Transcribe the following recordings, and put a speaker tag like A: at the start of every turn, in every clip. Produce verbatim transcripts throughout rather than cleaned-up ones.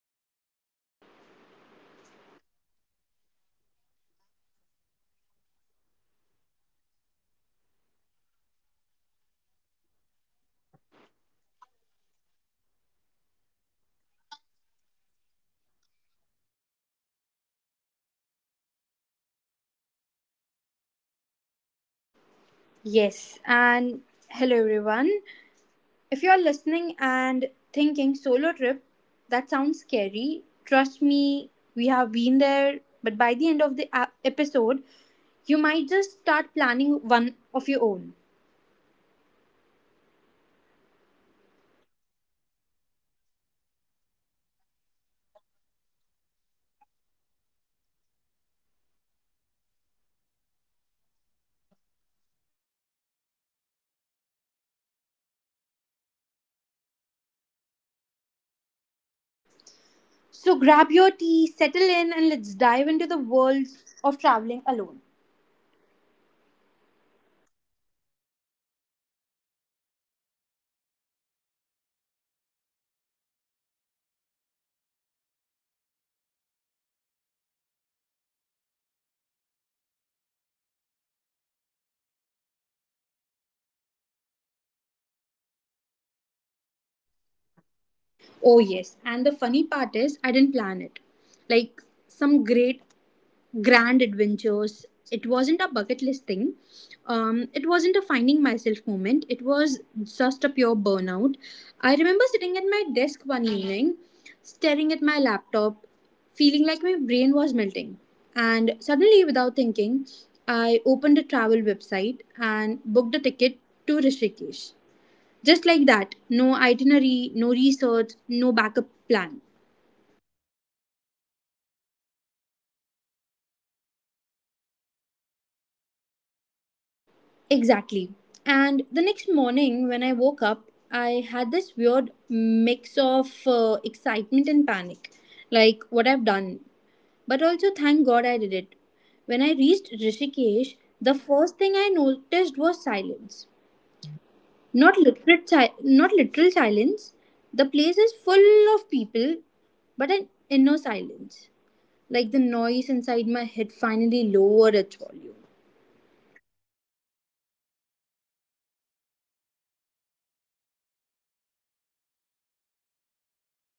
A: podcast. Today's topic is something that has uh, changed both our lives in different ways: solo travel, the adventures, uh, the fears, the freedom, the chaos of all of it. So, today we have a lovely guest. Um, her name is Pulkita. So, hi, Pulkita. Welcome to the podcast.
B: Yes, and hello everyone. If you're listening and thinking solo trip, that sounds scary. Trust me, we have been there, but by the end of the ap- episode, you might just start planning one of your own.
A: Super excited. So, hi, everyone. Uh, this is Varsha, and we are going to talk about our first solo trip that uh, just the scariest moment, the empowering moment, the strangers who became stories, and the deeper stuff like why solitude changes you.
B: So grab your tea, settle in, and let's dive into the world of traveling alone.
A: All right, so let's just start at the beginning, Pulkita. Uh, the moment every solo travel traveler, you can say, remembers vividly, uh, that first decision, that first ticket, the that first step into the unknown. Uh, so tell me, uh, have you taken a solo trip till
B: Oh, yes, and the funny part is, I didn't plan it. Like, some great grand adventures. It wasn't a bucket list thing. Um, it wasn't a finding myself moment. It was just a pure burnout. I remember sitting at my desk one
A: yet?
B: evening, staring at my laptop, feeling like my brain was melting. And suddenly, without thinking, I opened a travel website and booked a ticket to Rishikesh. Just like that, no itinerary, no research, no backup plan.
A: Well, that's how our most solo trip begins, right? So, not with a plan, but with a breaking point.
B: Exactly. And the next morning, when I woke up, I had this weird mix of uh, excitement and panic, like what I've done. But also, thank God I did it. When I reached Rishikesh, the
A: Hmm.
B: first thing I noticed was silence. Not
A: Okay.
B: literal, si- not literal silence. The place is full of people, but an inner silence. Like the noise inside my head finally lowered its volume.
A: That's the thing about solo travel, Pulkita. Uh, the world outside becomes louder, but the world inside becomes calmer.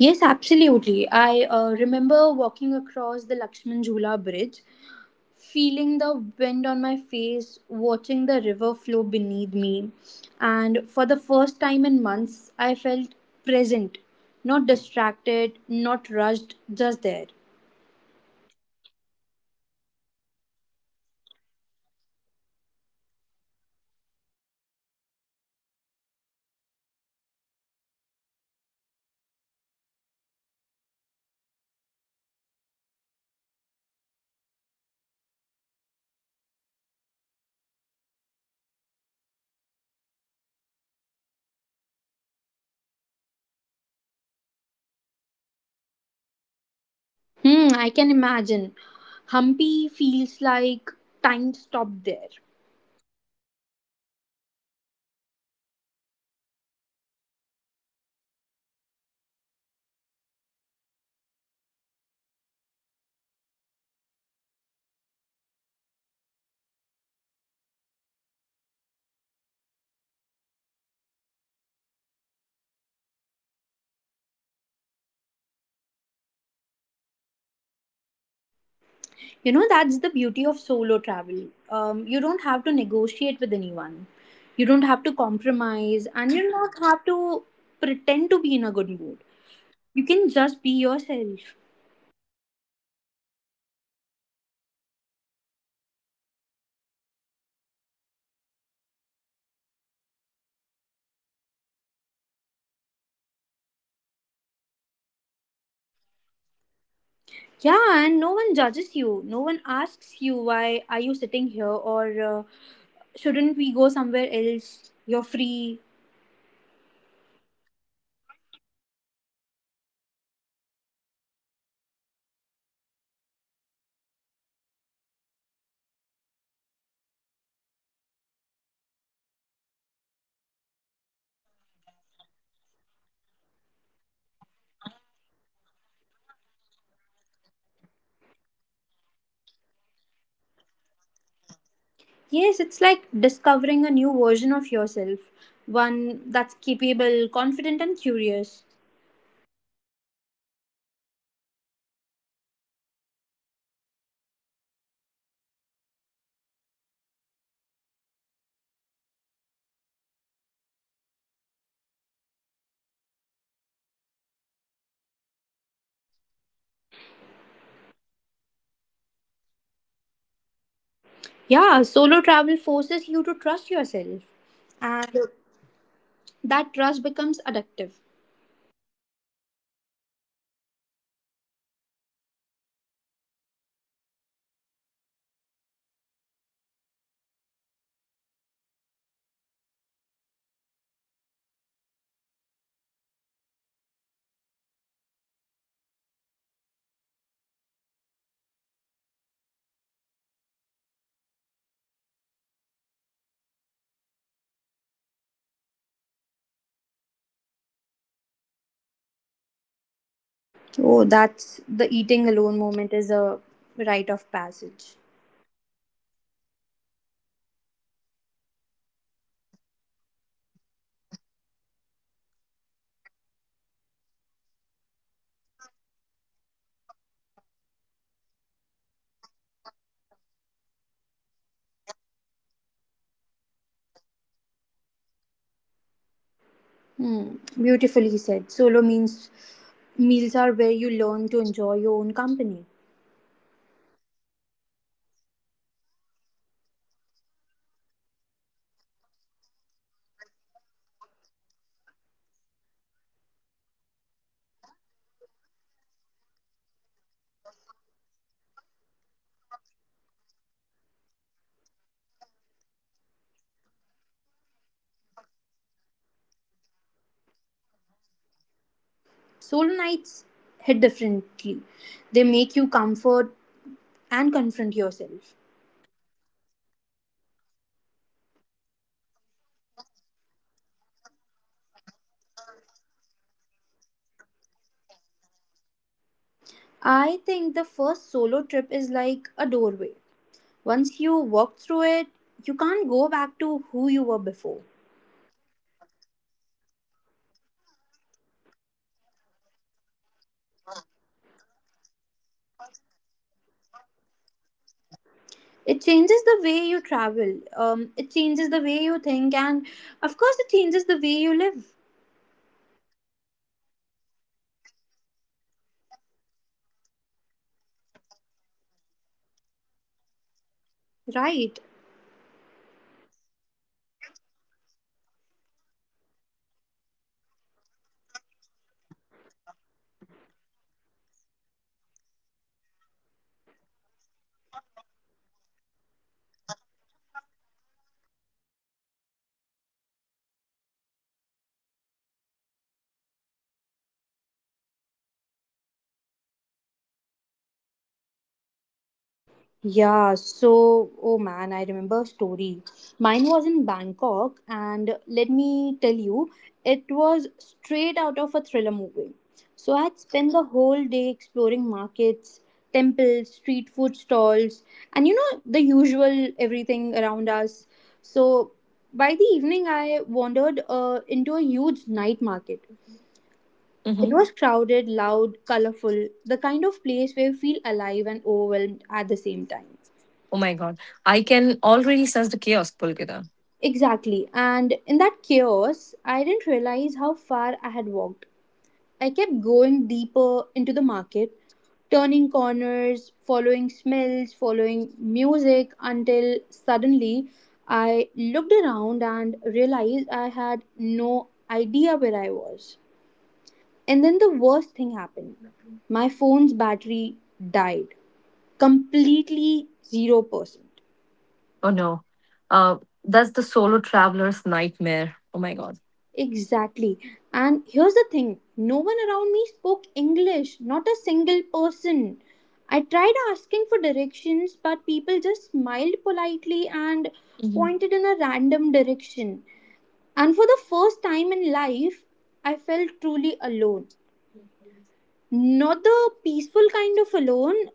B: Yes, absolutely. I uh, remember walking across the Lakshman Jhula bridge, feeling the wind on my face, watching the river flow beneath me. And for the first time in months, I felt present, not distracted, not rushed, just there.
A: Beautiful. So, my first to- solo trip was to Ham. It's like uh, to Hampi, and unlike you, I didn't book it right impulsively. I just planned it for weeks. I watched videos, read blogs. Uh, I completely made some lists, but the moment I reached Hampi, all my plans went out of the window because that place has that, uh, like, ancient mystical energy that just completely forces you to slow down.
B: Hmm, I can imagine. Hampi feels like time stopped there.
A: Exactly. and uh, I I remember walking among the run like ruins, feeling tiny compared to the massive stones and temples. And because I was alone, I wasn't ru- just completely rushing. I wasn't talking. I wasn't thinking about the next spot. I was just wondering that uh, completely wondering, and that wondering felt like complete therapy to me.
B: You know, that's the beauty of solo travel. Um, you don't have to negotiate with anyone, you don't have to compromise, and you
A: Absolutely
B: don't
A: correct.
B: have to pretend to be in a good mood.
A: Mhm.
B: You can just be yourself.
A: Yes, yes. And you can be weird. You can sit into the rock for an hours doing nothing. You can eat lunch at four p m. You can skip the famous places and just spend time in a random cafe because it just completely feels right.
B: Yeah, and no one judges you. No one asks you why are you sitting here or uh, shouldn't we go somewhere else? You're free.
A: I think the first solo trip always uh, always is the most powerful because it's the first time you taste real independence, not the I live alone independence, okay? Um, not the I pay my bills independence, but the I can exit any like exist anywhere in the world my completely by myself. Independence. That's what it means.
B: Yes, it's like discovering a new version of yourself, one that's capable, confident and curious.
A: And the funny thing about this is, uh, before the trip, uh, you imagine all the worst case scenarios, right? Uh, what if I get lost? What if something just goes wrong? What if I feel lonely? Uh, but once you are actually there, you realize you can handle things very well. You can figure it out, right? You adapt everything.
B: Yeah, solo travel forces you to trust yourself, and
A: Correct.
B: that trust becomes addictive.
A: Absolutely. So, you know, Pulkita, what moment uh, hit me the hardest? Like eating my first meal alone. I completely walked into a cafe in Rishikesh, sat at a table by myself, and suddenly felt so aware of everything: um, the people around me, the, s- the sound of the blender, the smell of the coffee. Um, at first, it felt awkward to me, to be very honest, but like everyone was watching me, I felt l- literally good.
B: Oh, that's the eating alone moment is a rite of passage.
A: Exactly. But after a few minutes, uh, something just completely shifted. I started enjoying it. I wasn't just performing, I wasn't talking, I wasn't even entertaining anyone. I was just eating slowly, mindfully, and I realized this is what exactly freedom tastes like.
B: Hmm, beautifully said. Solo means meals are where you learn to enjoy your own company.
A: Awesome. And for me, um, the defining moment was the first night in Hampi. I was sitting outside my guest room So, looking at the stars. Actually, there was no city noise, no traffic, no notifications, just the cricket, wind, uh, the silence. And in that silence, I felt something I had has not felt in years. Peace,
B: Solo nights hit differently. They make you comfort and confront yourself.
A: exactly. And yes, uh, that confrontation is healing. Actually, you realize how much noise you carry inside and how much of it disappears when you are alone.
B: I think the first solo trip is like a doorway. Once you walk through it, you can't go back to who you were before.
A: Well said, Pulkita. Uh, before you have seen a version of yourself that's brave, independent, capable, and you just can't unsee that.
B: It changes the way you travel, um, it changes the way you think, and of course it changes the way you live,
A: And that's why solo travel is so powerful. It's just uh, not a trip, it's just a complete transformation. I think, I believe, for everyone.
B: right?
A: Uh, so, all right, um, let's just get into the part of a solo travel that nobody posts on Instagram. Okay. The fear, the panic, um, the why did I came alone moments, because every solo traveler has at least one story that still gives them goosebumps. So tell me, Pulkita, what was your scariest moment uh, while traveling alone?
B: Yeah, so oh man, I remember a story. Mine was in Bangkok, and let me tell you, it was straight out of a thriller movie. So I had
A: Okay.
B: spent the whole day exploring markets, temples, street food stalls, and you know, the usual everything around us. So by the evening, I wandered uh, into a huge night market. It
A: Mm-hmm.
B: was crowded, loud, colorful, the kind of place where you feel alive and overwhelmed at the same time.
A: Oh my God. I can already sense the chaos, Pulkita.
B: Exactly. And in that chaos, I didn't realize how far I had walked. I kept going deeper into the market, turning corners, following smells, following music, until suddenly I looked around and realized I had no idea where I was. And then the worst thing happened: my phone's battery died completely, zero percent.
A: Oh no. Uh, that's the solo traveler's nightmare. Oh my God.
B: Exactly. And here's the thing, no one around me spoke English, not a single person. I tried asking for directions, but people just smiled politely and
A: Mm-hmm.
B: pointed in a random direction. And for the first time in life, I felt truly alone. Not the peaceful kind of alone,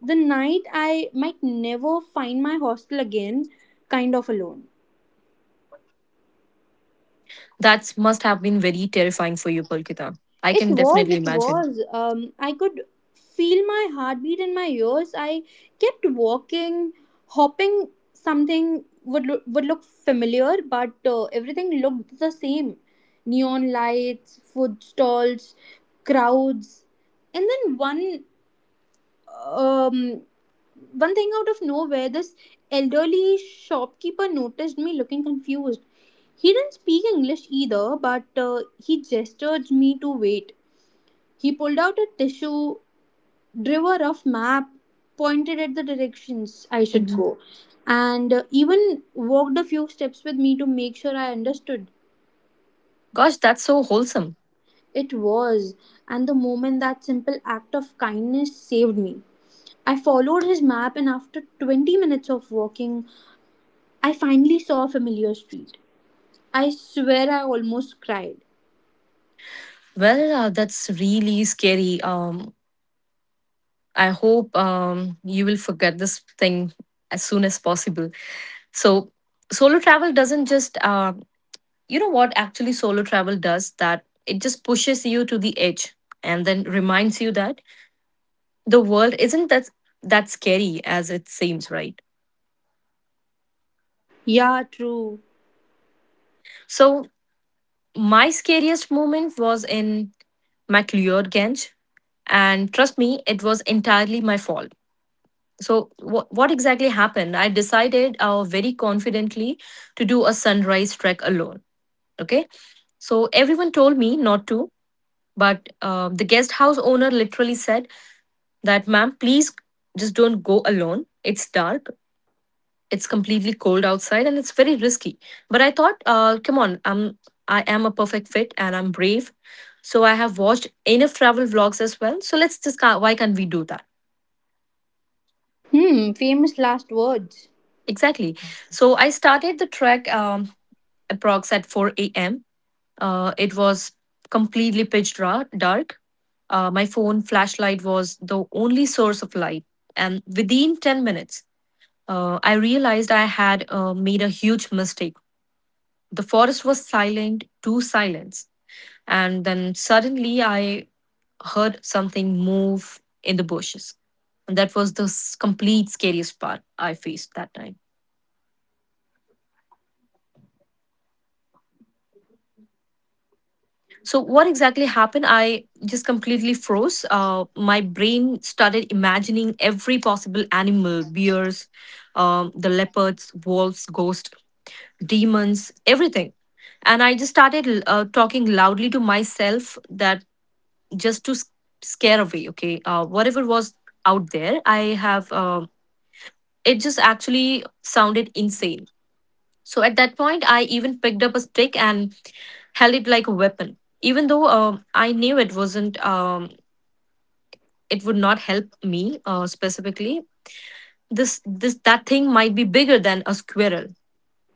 B: the night I might never find my hostel again kind of alone.
A: That must have been very terrifying for you, Pulkita. I
B: It
A: can
B: was,
A: definitely
B: it
A: imagine.
B: was. Um, I could feel my heartbeat in my ears. I kept walking, hoping something would look, would look familiar, but uh, everything looked the same: neon lights, food stalls, crowds. And then one um one thing out of nowhere, this elderly shopkeeper noticed me looking confused. He didn't speak English either, but uh, he gestured me to wait. He pulled out a tissue, drew a rough map, pointed at the directions I should
A: Hmm.
B: go, and uh, even walked a few steps with me to make sure I understood.
A: Gosh, that's so wholesome.
B: It was, and the moment that simple act of kindness saved me. I followed his map, and after twenty minutes of walking, I finally saw a familiar street. I swear I almost cried.
A: Well, uh, that's really scary. Um, I hope um, you will forget this thing as soon as possible. So, solo travel doesn't just, uh, you know what, actually, solo travel does that: it just pushes you to the edge and then reminds you that the world isn't that, that scary as it seems, right?
B: Yeah, true.
A: So, my scariest moment was in MacLeod Ganj, and trust me, it was entirely my fault. So what what exactly happened? I decided, uh, very confidently, to do a sunrise trek alone. Okay, so everyone told me not to, but uh, the guest house owner literally said that, "Ma'am, please just don't go alone. It's dark. It's completely cold outside, and it's very risky." But I thought, uh, "Come on, I'm I am a perfect fit, and I'm brave." So I have watched enough travel vlogs as well. So let's just ca- why can't we do that?
B: Hmm, famous last words.
A: Exactly. So I started the trek. Um, approx at four a m. Uh, it was completely pitch dark. Uh, my phone flashlight was the only source of light. And within ten minutes, uh, I realized I had uh, made a huge mistake. The forest was silent to silence. And then suddenly I heard something move in the bushes. And that was the s- complete scariest part I faced that night. So what exactly happened? I just completely froze. Uh, my brain started imagining every possible animal: bears, um, the leopards, wolves, ghosts, demons, everything. And I just started, uh, talking loudly to myself, that just to s- scare away, okay, uh, whatever was out there, I have. Uh, it just actually sounded insane, so at that point, I even picked up a stick and held it like a weapon, even though, um, I knew it wasn't, um, it would not help me, uh, specifically. This this that thing might be bigger than a squirrel.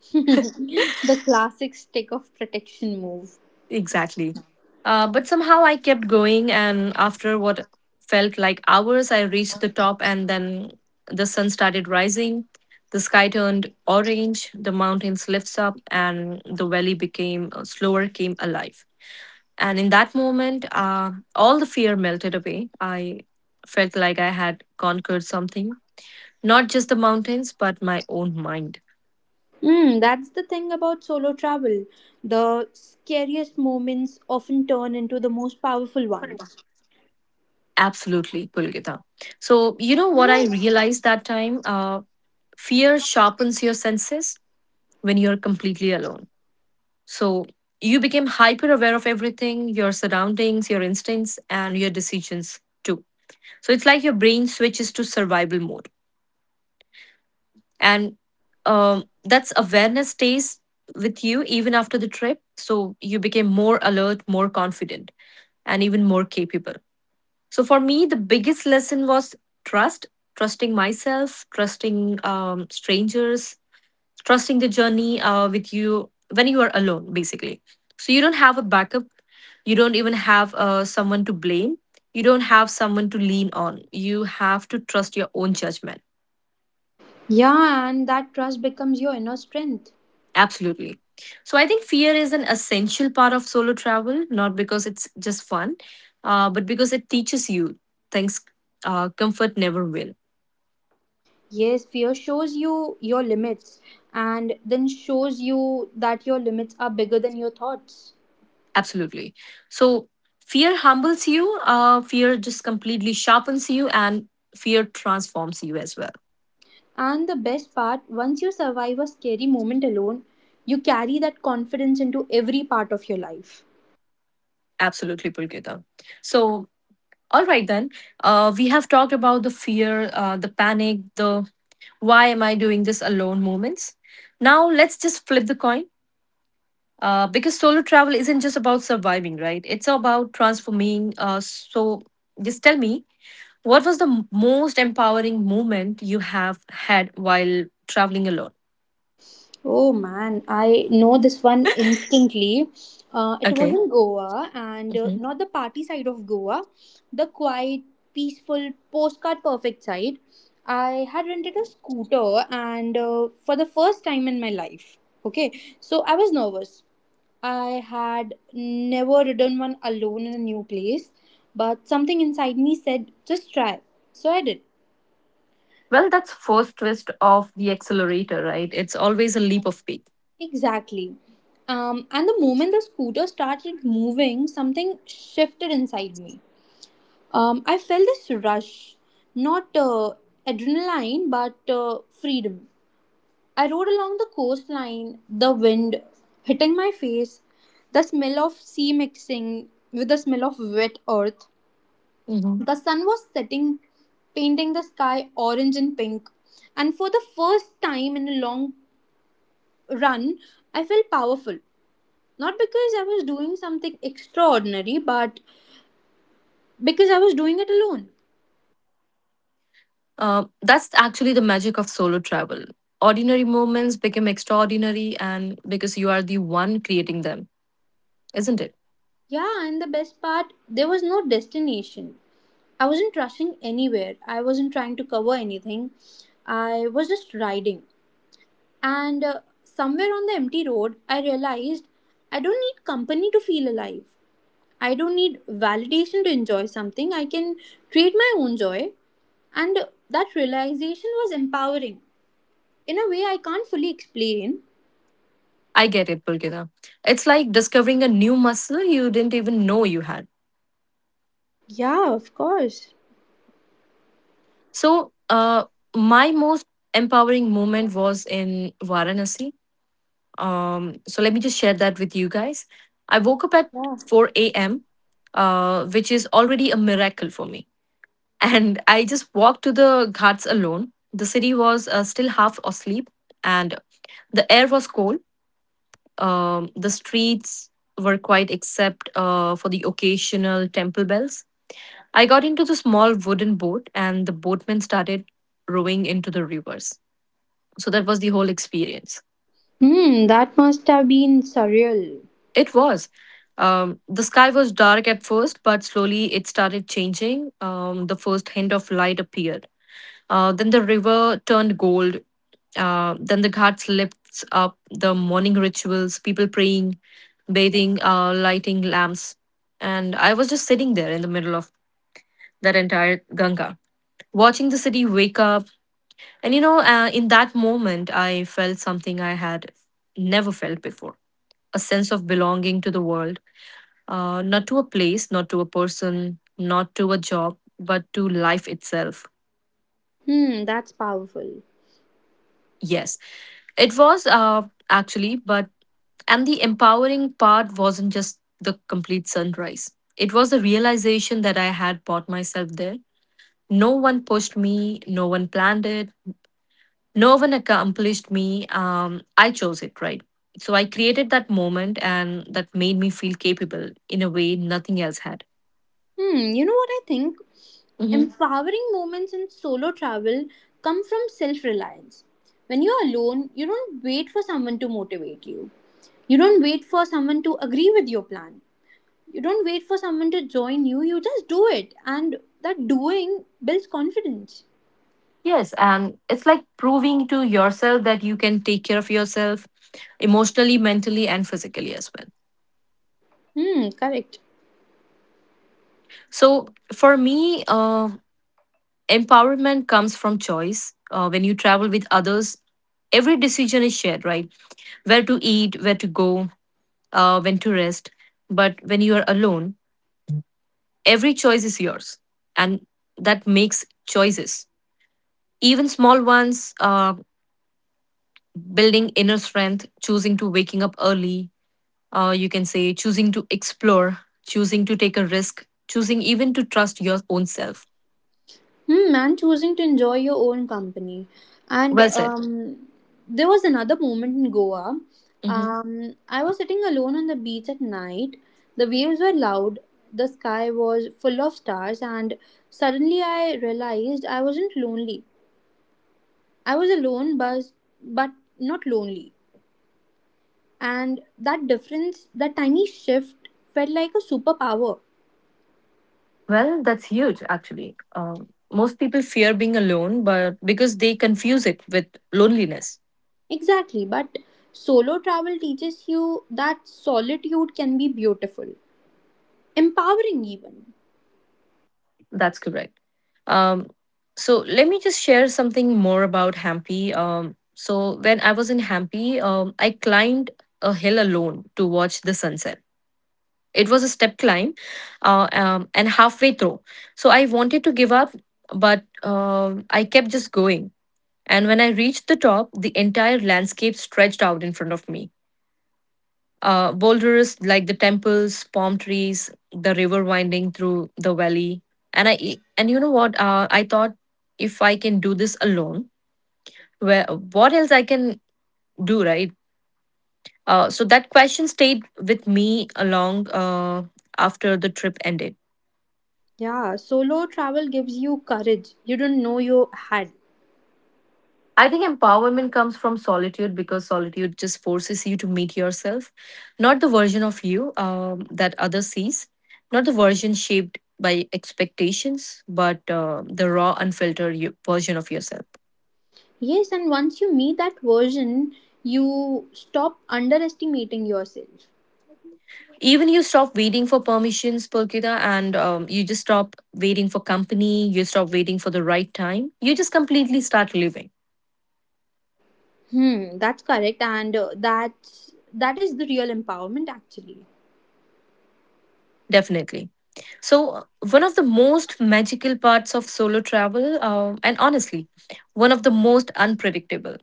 B: The classic stick of protection move.
A: Exactly. Uh, but somehow I kept going, and after what felt like hours, I reached the top, and then the sun started rising. The sky turned orange, the mountains lifts up, and the valley became, uh, slower, came alive. And in that moment, uh, all the fear melted away. I felt like I had conquered something, not just the mountains, but my own mind.
B: Mm, that's the thing about solo travel. The scariest moments often turn into the most powerful ones.
A: Absolutely, Pulgita. So, you know what I realized that time? Uh, fear sharpens your senses when you're completely alone. So you became hyper aware of everything: your surroundings, your instincts, and your decisions too. So it's like your brain switches to survival mode. And um, that's awareness stays with you even after the trip. So you became more alert, more confident, and even more capable. So for me, the biggest lesson was trust: trusting myself, trusting, um, strangers, trusting the journey, uh, with you when you are alone, basically. So you don't have a backup. You don't even have, uh, someone to blame. You don't have someone to lean on. You have to trust your own judgment.
B: Yeah, and that trust becomes your inner strength.
A: Absolutely. So I think fear is an essential part of solo travel, not because it's just fun, uh, but because it teaches you things uh, comfort never will.
B: Yes, fear shows you your limits and then shows you that your limits are bigger than your thoughts.
A: Absolutely. So fear humbles you, uh, fear just completely sharpens you, and fear transforms you as well.
B: And the best part, once you survive a scary moment alone, you carry that confidence into every part of your life.
A: Absolutely, Pulkita. So, all right then. Uh, we have talked about the fear, uh, the panic, the why am I doing this alone moments. Now, let's just flip the coin. Uh, because solo travel isn't just about surviving, right? It's about transforming. Uh, so, just tell me, what was the m- most empowering moment you have had while traveling alone?
B: Oh man, I know this one instantly. Uh, it was
A: Okay.
B: in Goa, and uh,
A: Mhm.
B: not the party side of Goa, the quiet, peaceful, postcard perfect side. I had rented a scooter, and uh, for the first time in my life. Okay, so I was nervous. I had never ridden one alone in a new place, but something inside me said, just try. So I did.
A: Well, that's first twist of the accelerator, right? It's always a leap of faith.
B: Exactly. Um, and the moment the scooter started moving, something shifted inside me. Um, I felt this rush, not uh, adrenaline, but uh, freedom. I rode along the coastline, the wind hitting my face, the smell of sea mixing with the smell of wet earth. The sun was setting, painting the sky orange and pink. And for the first time in a long run, I felt powerful. Not because I was doing something extraordinary, but because I was doing it alone.
A: Uh, that's actually the magic of solo travel. Ordinary moments become extraordinary, and because you are the one creating them, isn't it?
B: Yeah, and the best part, there was no destination. I wasn't rushing anywhere. I wasn't trying to cover anything. I was just riding. And uh, somewhere on the empty road, I realized I don't need company to feel alive. I don't need validation to enjoy something. I can create my own joy. And uh, that realization was empowering, in a way I can't fully explain.
A: I get it, Pulkita. It's like discovering a new muscle you didn't even know you had.
B: Yeah, of course.
A: So, uh, my most empowering moment was in Varanasi. Um, so, let me just share that with you guys. I woke up at
B: Yeah.
A: four a m, uh, which is already a miracle for me, and I just walked to the ghats alone. The city was uh, still half asleep, and the air was cold. Um, the streets were quiet except uh, for the occasional temple bells. I got into the small wooden boat, and the boatman started rowing into the rivers. So that was the whole experience.
B: Hmm, that must have been surreal.
A: It was. Um, the sky was dark at first, but slowly it started changing. Um, the first hint of light appeared. Uh, then the river turned gold. Uh, then the ghats lifts up the morning rituals, people praying, bathing, uh, lighting lamps. And I was just sitting there in the middle of that entire Ganga, watching the city wake up. And you know, uh, in that moment, I felt something I had never felt before, a sense of belonging to the world, uh, not to a place, not to a person, not to a job, but to life itself.
B: Hmm, that's powerful.
A: Yes, it was uh, actually, but and the empowering part wasn't just the complete sunrise. It was the realization that I had bought myself there. No one pushed me, no one planned it, no one accomplished me. Um, I chose it, right? So I created that moment, and that made me feel capable in a way nothing else had.
B: Hmm, you know what I think?
A: Hmm.
B: Empowering moments in solo travel come from self reliance. When you're alone, you don't wait for someone to motivate you. You don't wait for someone to agree with your plan. You don't wait for someone to join you. You just do it. And that doing builds confidence.
A: Yes, and it's like proving to yourself that you can take care of yourself emotionally, mentally, and physically as well.
B: Hmm, correct.
A: So for me, uh, empowerment comes from choice. Uh, when you travel with others, every decision is shared, right? Where to eat, where to go, uh, when to rest. But when you are alone, every choice is yours, and that makes choices. Even small ones, uh, building inner strength, choosing to waking up early, uh, you can say choosing to explore, choosing to take a risk, choosing even to trust your own self.
B: Hmm, and choosing to enjoy your own company. And
A: Well said.
B: um, there was another moment in Goa.
A: Mhm.
B: Um, I was sitting alone on the beach at night. The waves were loud, the sky was full of stars, and suddenly I realized I wasn't lonely. I was alone, but, but not lonely. And that difference, that tiny shift, felt like a superpower.
A: Well, that's huge, actually. Um, most people fear being alone, but because they confuse it with loneliness.
B: Exactly, but solo travel teaches you that solitude can be beautiful. Empowering, even.
A: That's correct. Um, so Let me just share something more about Hampi. Um, so when I was in Hampi, um, I climbed a hill alone to watch the sunset. It was a step climb, uh, um, and halfway through, so I wanted to give up, but um, I kept just going. And when I reached the top, the entire landscape stretched out in front of me. Uh, boulders like the temples, palm trees, the river winding through the valley, and I and you know what? Uh, I thought, if I can do this alone, where what else I can do, right? Uh, so that question stayed with me along uh, after the trip ended.
B: Yeah, solo travel gives you courage you didn't know you had.
A: I think empowerment comes from solitude because solitude just forces you to meet yourself, not the version of you um, that others sees, not the version shaped by expectations, but uh, the raw, unfiltered you- version of yourself.
B: Yes, and once you meet that version, you stop underestimating yourself.
A: Even you stop waiting for permissions, Pulkita, and um, you just stop waiting for company. You stop waiting for the right time. You just completely start living.
B: Hmm, that's correct, and uh, that's that is the real empowerment, actually.
A: Definitely. So, uh, one of the most magical parts of solo travel, uh, and honestly, one of the most unpredictable,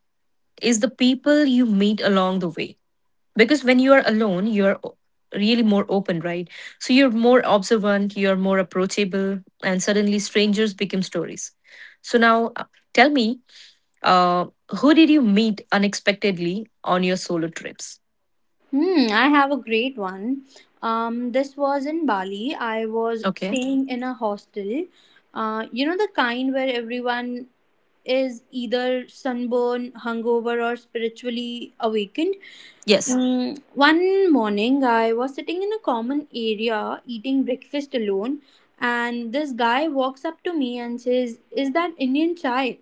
A: is the people you meet along the way. Because when you are alone, you're o- really more open, right? So, you're more observant, you're more approachable, and suddenly strangers become stories. So, now uh, tell me, uh, who did you meet unexpectedly on your solo trips?
B: Hmm, I have a great one. Um, this was in Bali. I was
A: Okay.
B: staying in a hostel. Uh, you know the kind where everyone is either sunburn, hungover, or spiritually awakened.
A: Yes.
B: Mm, one morning, I was sitting in a common area eating breakfast alone, and this guy walks up to me and says, "Is that Indian chai?"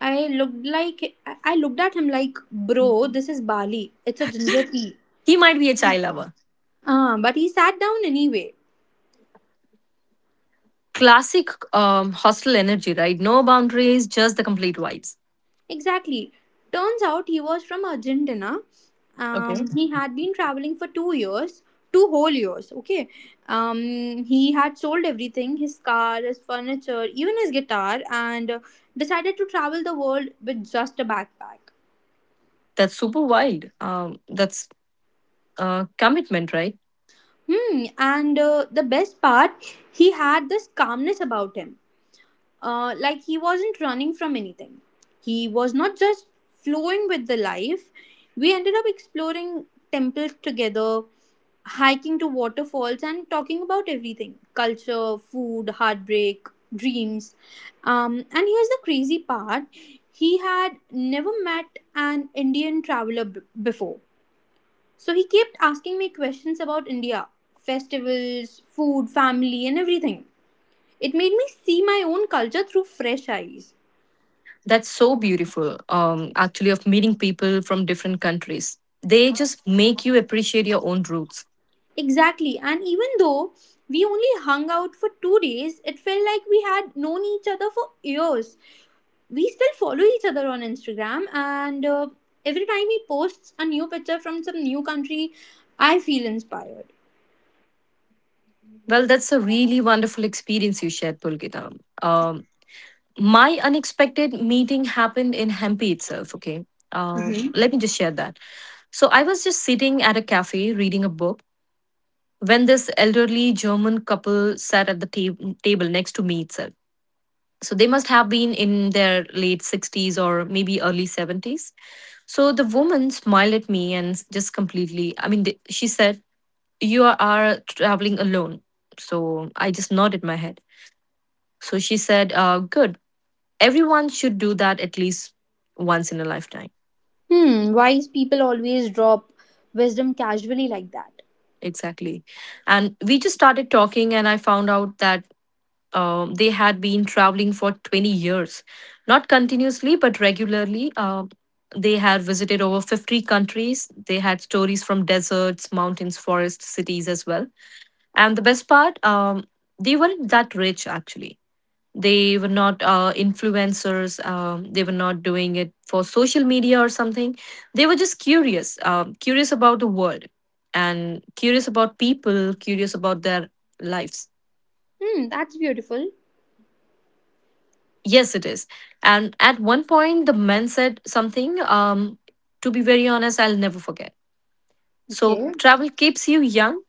B: I looked like I looked at him like, "Bro, this is Bali. It's a ginger tea."
A: He might be a chai lover.
B: Uh, but he sat down anyway.
A: Classic um, hostel energy, right? No boundaries, just the complete vibes.
B: Exactly. Turns out he was from Argentina. Um,
A: Okay.
B: he had been traveling for two years, two whole years. Okay. Um, he had sold everything, his car, his furniture, even his guitar, and uh, decided to travel the world with just a backpack.
A: That's super wild. Um, that's uh, commitment, right?
B: Hmm. And uh, the best part, he had this calmness about him. Uh, like he wasn't running from anything. He was not just flowing with the life. We ended up exploring temples together, hiking to waterfalls, and talking about everything: culture, food, heartbreak, dreams. Um, and here's the crazy part, he had never met an Indian traveler b- before, so he kept asking me questions about India, festivals, food, family, and everything. It made me see my own culture through fresh eyes.
A: That's so beautiful, um, actually, of meeting people from different countries. They just make you appreciate your own roots.
B: Exactly. And even though we only hung out for two days, it felt like we had known each other for years. We still follow each other on Instagram, and uh, every time he posts a new picture from some new country, I feel inspired.
A: Well, that's a really wonderful experience you shared, Pulgita. Um, my unexpected meeting happened in Hampi itself, okay? Uh,
B: Hmm.
A: let me just share that. So I was just sitting at a cafe reading a book when this elderly German couple sat at the ta- table next to me itself. So they must have been in their late sixties or maybe early seventies. So the woman smiled at me and just completely, I mean, th- she said, "You are, are traveling alone." So I just nodded my head. So she said, uh, "Good. Everyone should do that at least once in a lifetime."
B: Hmm, wise people always drop wisdom casually like that.
A: Exactly. And we just started talking, and I found out that Uh, they had been traveling for twenty years, not continuously, but regularly. Uh, they had visited over fifty countries. They had stories from deserts, mountains, forests, cities as well. And the best part, um, they weren't that rich actually. They were not uh, influencers. Um, they were not doing it for social media or something. They were just curious, um, curious about the world and curious about people, curious about their lives.
B: Hmm, that's beautiful.
A: Yes, it is. And at one point, the man said something, um, to be very honest, I'll never forget. So,
B: Okay.
A: "Travel keeps you young,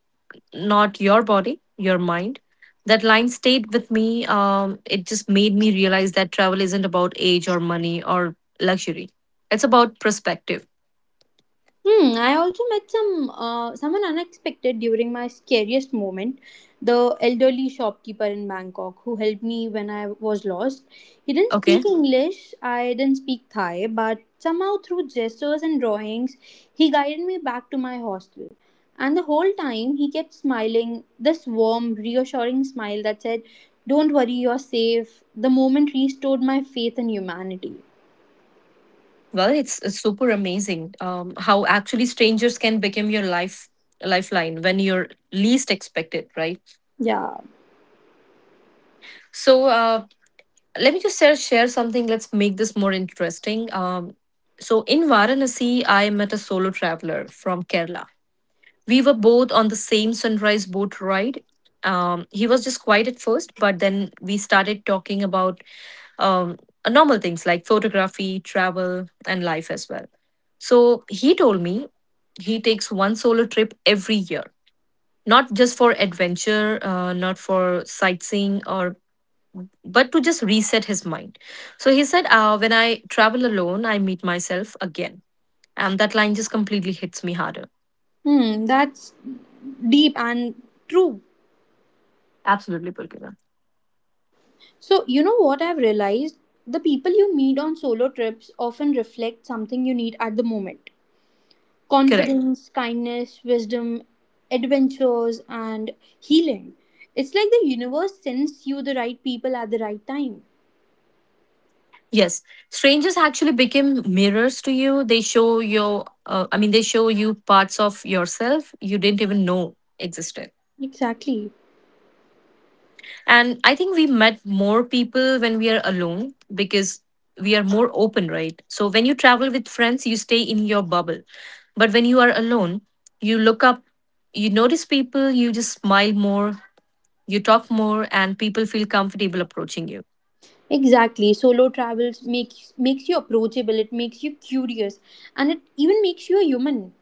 A: not your body, your mind." That line stayed with me. Um, it just made me realize that travel isn't about age or money or luxury, it's about perspective.
B: Hmm, I also met some uh, someone unexpected during my scariest moment. The elderly shopkeeper in Bangkok who helped me when I was lost. He didn't
A: Okay.
B: speak English, I didn't speak Thai, but somehow through gestures and drawings, he guided me back to my hostel. And the whole time, he kept smiling this warm, reassuring smile that said, don't worry, you're safe. The moment restored my faith in humanity.
A: Well, it's, it's super amazing um, how actually strangers can become your life lifeline when you're least expected, right?
B: Yeah.
A: So, uh, let me just share, share something, let's make this more interesting, um, so in Varanasi I met a solo traveler from Kerala. We were both on the same sunrise boat ride. Um, he was just quiet at first, but then we started talking about um, normal things like photography, travel, and life as well. So he told me he takes one solo trip every year, not just for adventure, uh, not for sightseeing or but to just reset his mind. So he said, uh, "When I travel alone, I meet myself again." And that line just completely hits me harder.
B: Hmm, that's deep and true.
A: Absolutely, Pulkina.
B: So, you know what I've realized? The people you meet on solo trips often reflect something you need at the moment:
A: Correct.
B: confidence, kindness, wisdom, adventures, and healing. It's like the universe sends you the right people at the right time.
A: Yes. Strangers actually become mirrors to you. They show your, uh, I mean, they show you parts of yourself you didn't even know existed.
B: Exactly.
A: And I think we met more people when we are alone because we are more open, right? So when you travel with friends, you stay in your bubble. But when you are alone, you look up, you notice people, you just smile more, you talk more, and people feel comfortable approaching you.
B: Exactly. Solo travels makes makes you approachable, it makes you curious, and it even makes you a human.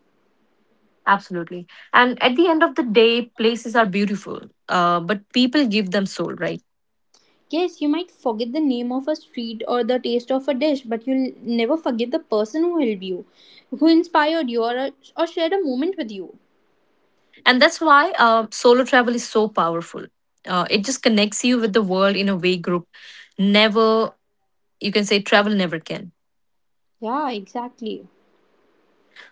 A: Absolutely. And at the end of the day, places are beautiful, uh, but people give them soul, right?
B: Yes, you might forget the name of a street or the taste of a dish, but you'll never forget the person who helped you, who inspired you, or, or shared a moment with you.
A: And that's why uh, solo travel is so powerful. Uh, it just connects you with the world in a way group never, you can say travel never can.
B: Yeah, exactly.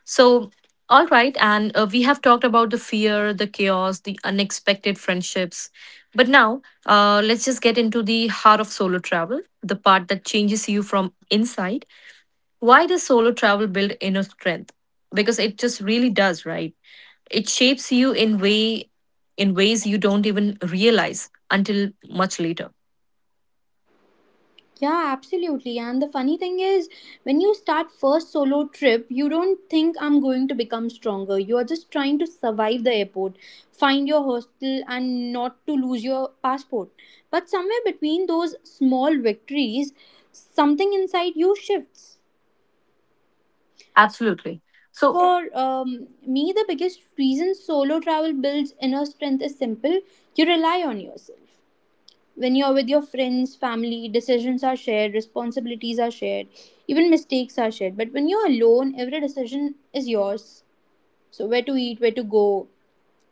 A: So, all right, and uh, we have talked about the fear, the chaos, the unexpected friendships. But now, uh, let's just get into the heart of solo travel, the part that changes you from inside. Why does solo travel build inner strength? Because it just really does, right? It shapes you in way in ways you don't even realize until much later.
B: Yeah, absolutely. And the funny thing is, when you start first solo trip, you don't think I'm going to become stronger. You are just trying to survive the airport, find your hostel, and not to lose your passport. But somewhere between those small victories, something inside you shifts.
A: Absolutely. So.
B: For um, me, the biggest reason solo travel builds inner strength is simple: you rely on yourself. When you're with your friends, family, decisions are shared, responsibilities are shared, even mistakes are shared. But when you're alone, every decision is yours. So, where to eat, where to go,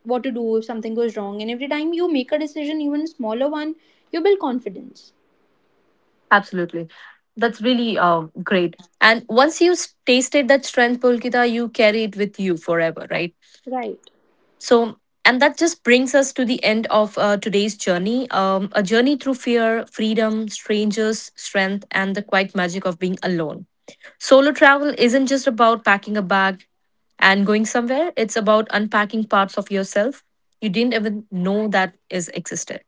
B: what to do if something goes wrong. And every time you make a decision, even a smaller one, you build confidence.
A: Absolutely. That's really uh, great. And once you s- tasted that strength, Pulkita, you carry it with you forever, right?
B: Right.
A: So, and that just brings us to the end of uh, today's journey, um, a journey through fear, freedom, strangers, strength, and the quiet magic of being alone. Solo travel isn't just about packing a bag and going somewhere, it's about unpacking parts of yourself you didn't even know that is existed.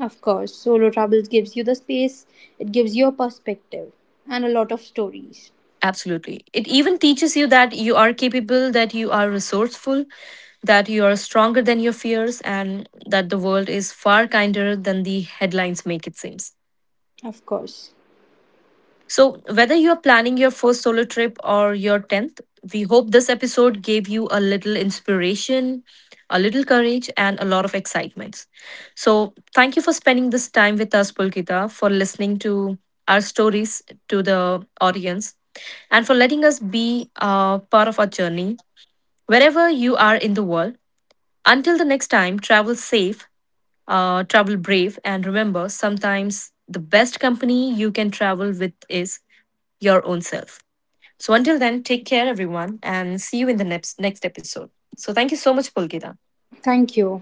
B: Of course, solo travels gives you the space, it gives you a perspective and a lot of stories.
A: Absolutely. It even teaches you that you are capable, that you are resourceful, that you are stronger than your fears, and that the world is far kinder than the headlines make it seem.
B: Of course.
A: So, whether you're planning your first solo trip or your tenth, we hope this episode gave you a little inspiration, a little courage, and a lot of excitement. So, thank you for spending this time with us, Pulkita, for listening to our stories, to the audience, and for letting us be a part of our journey wherever you are in the world. Until the next time, travel safe, uh, travel brave, and remember, sometimes the best company you can travel with is your own self. So until then, take care everyone, and see you in the next next episode. So thank you so much, Pulkita.
B: Thank you.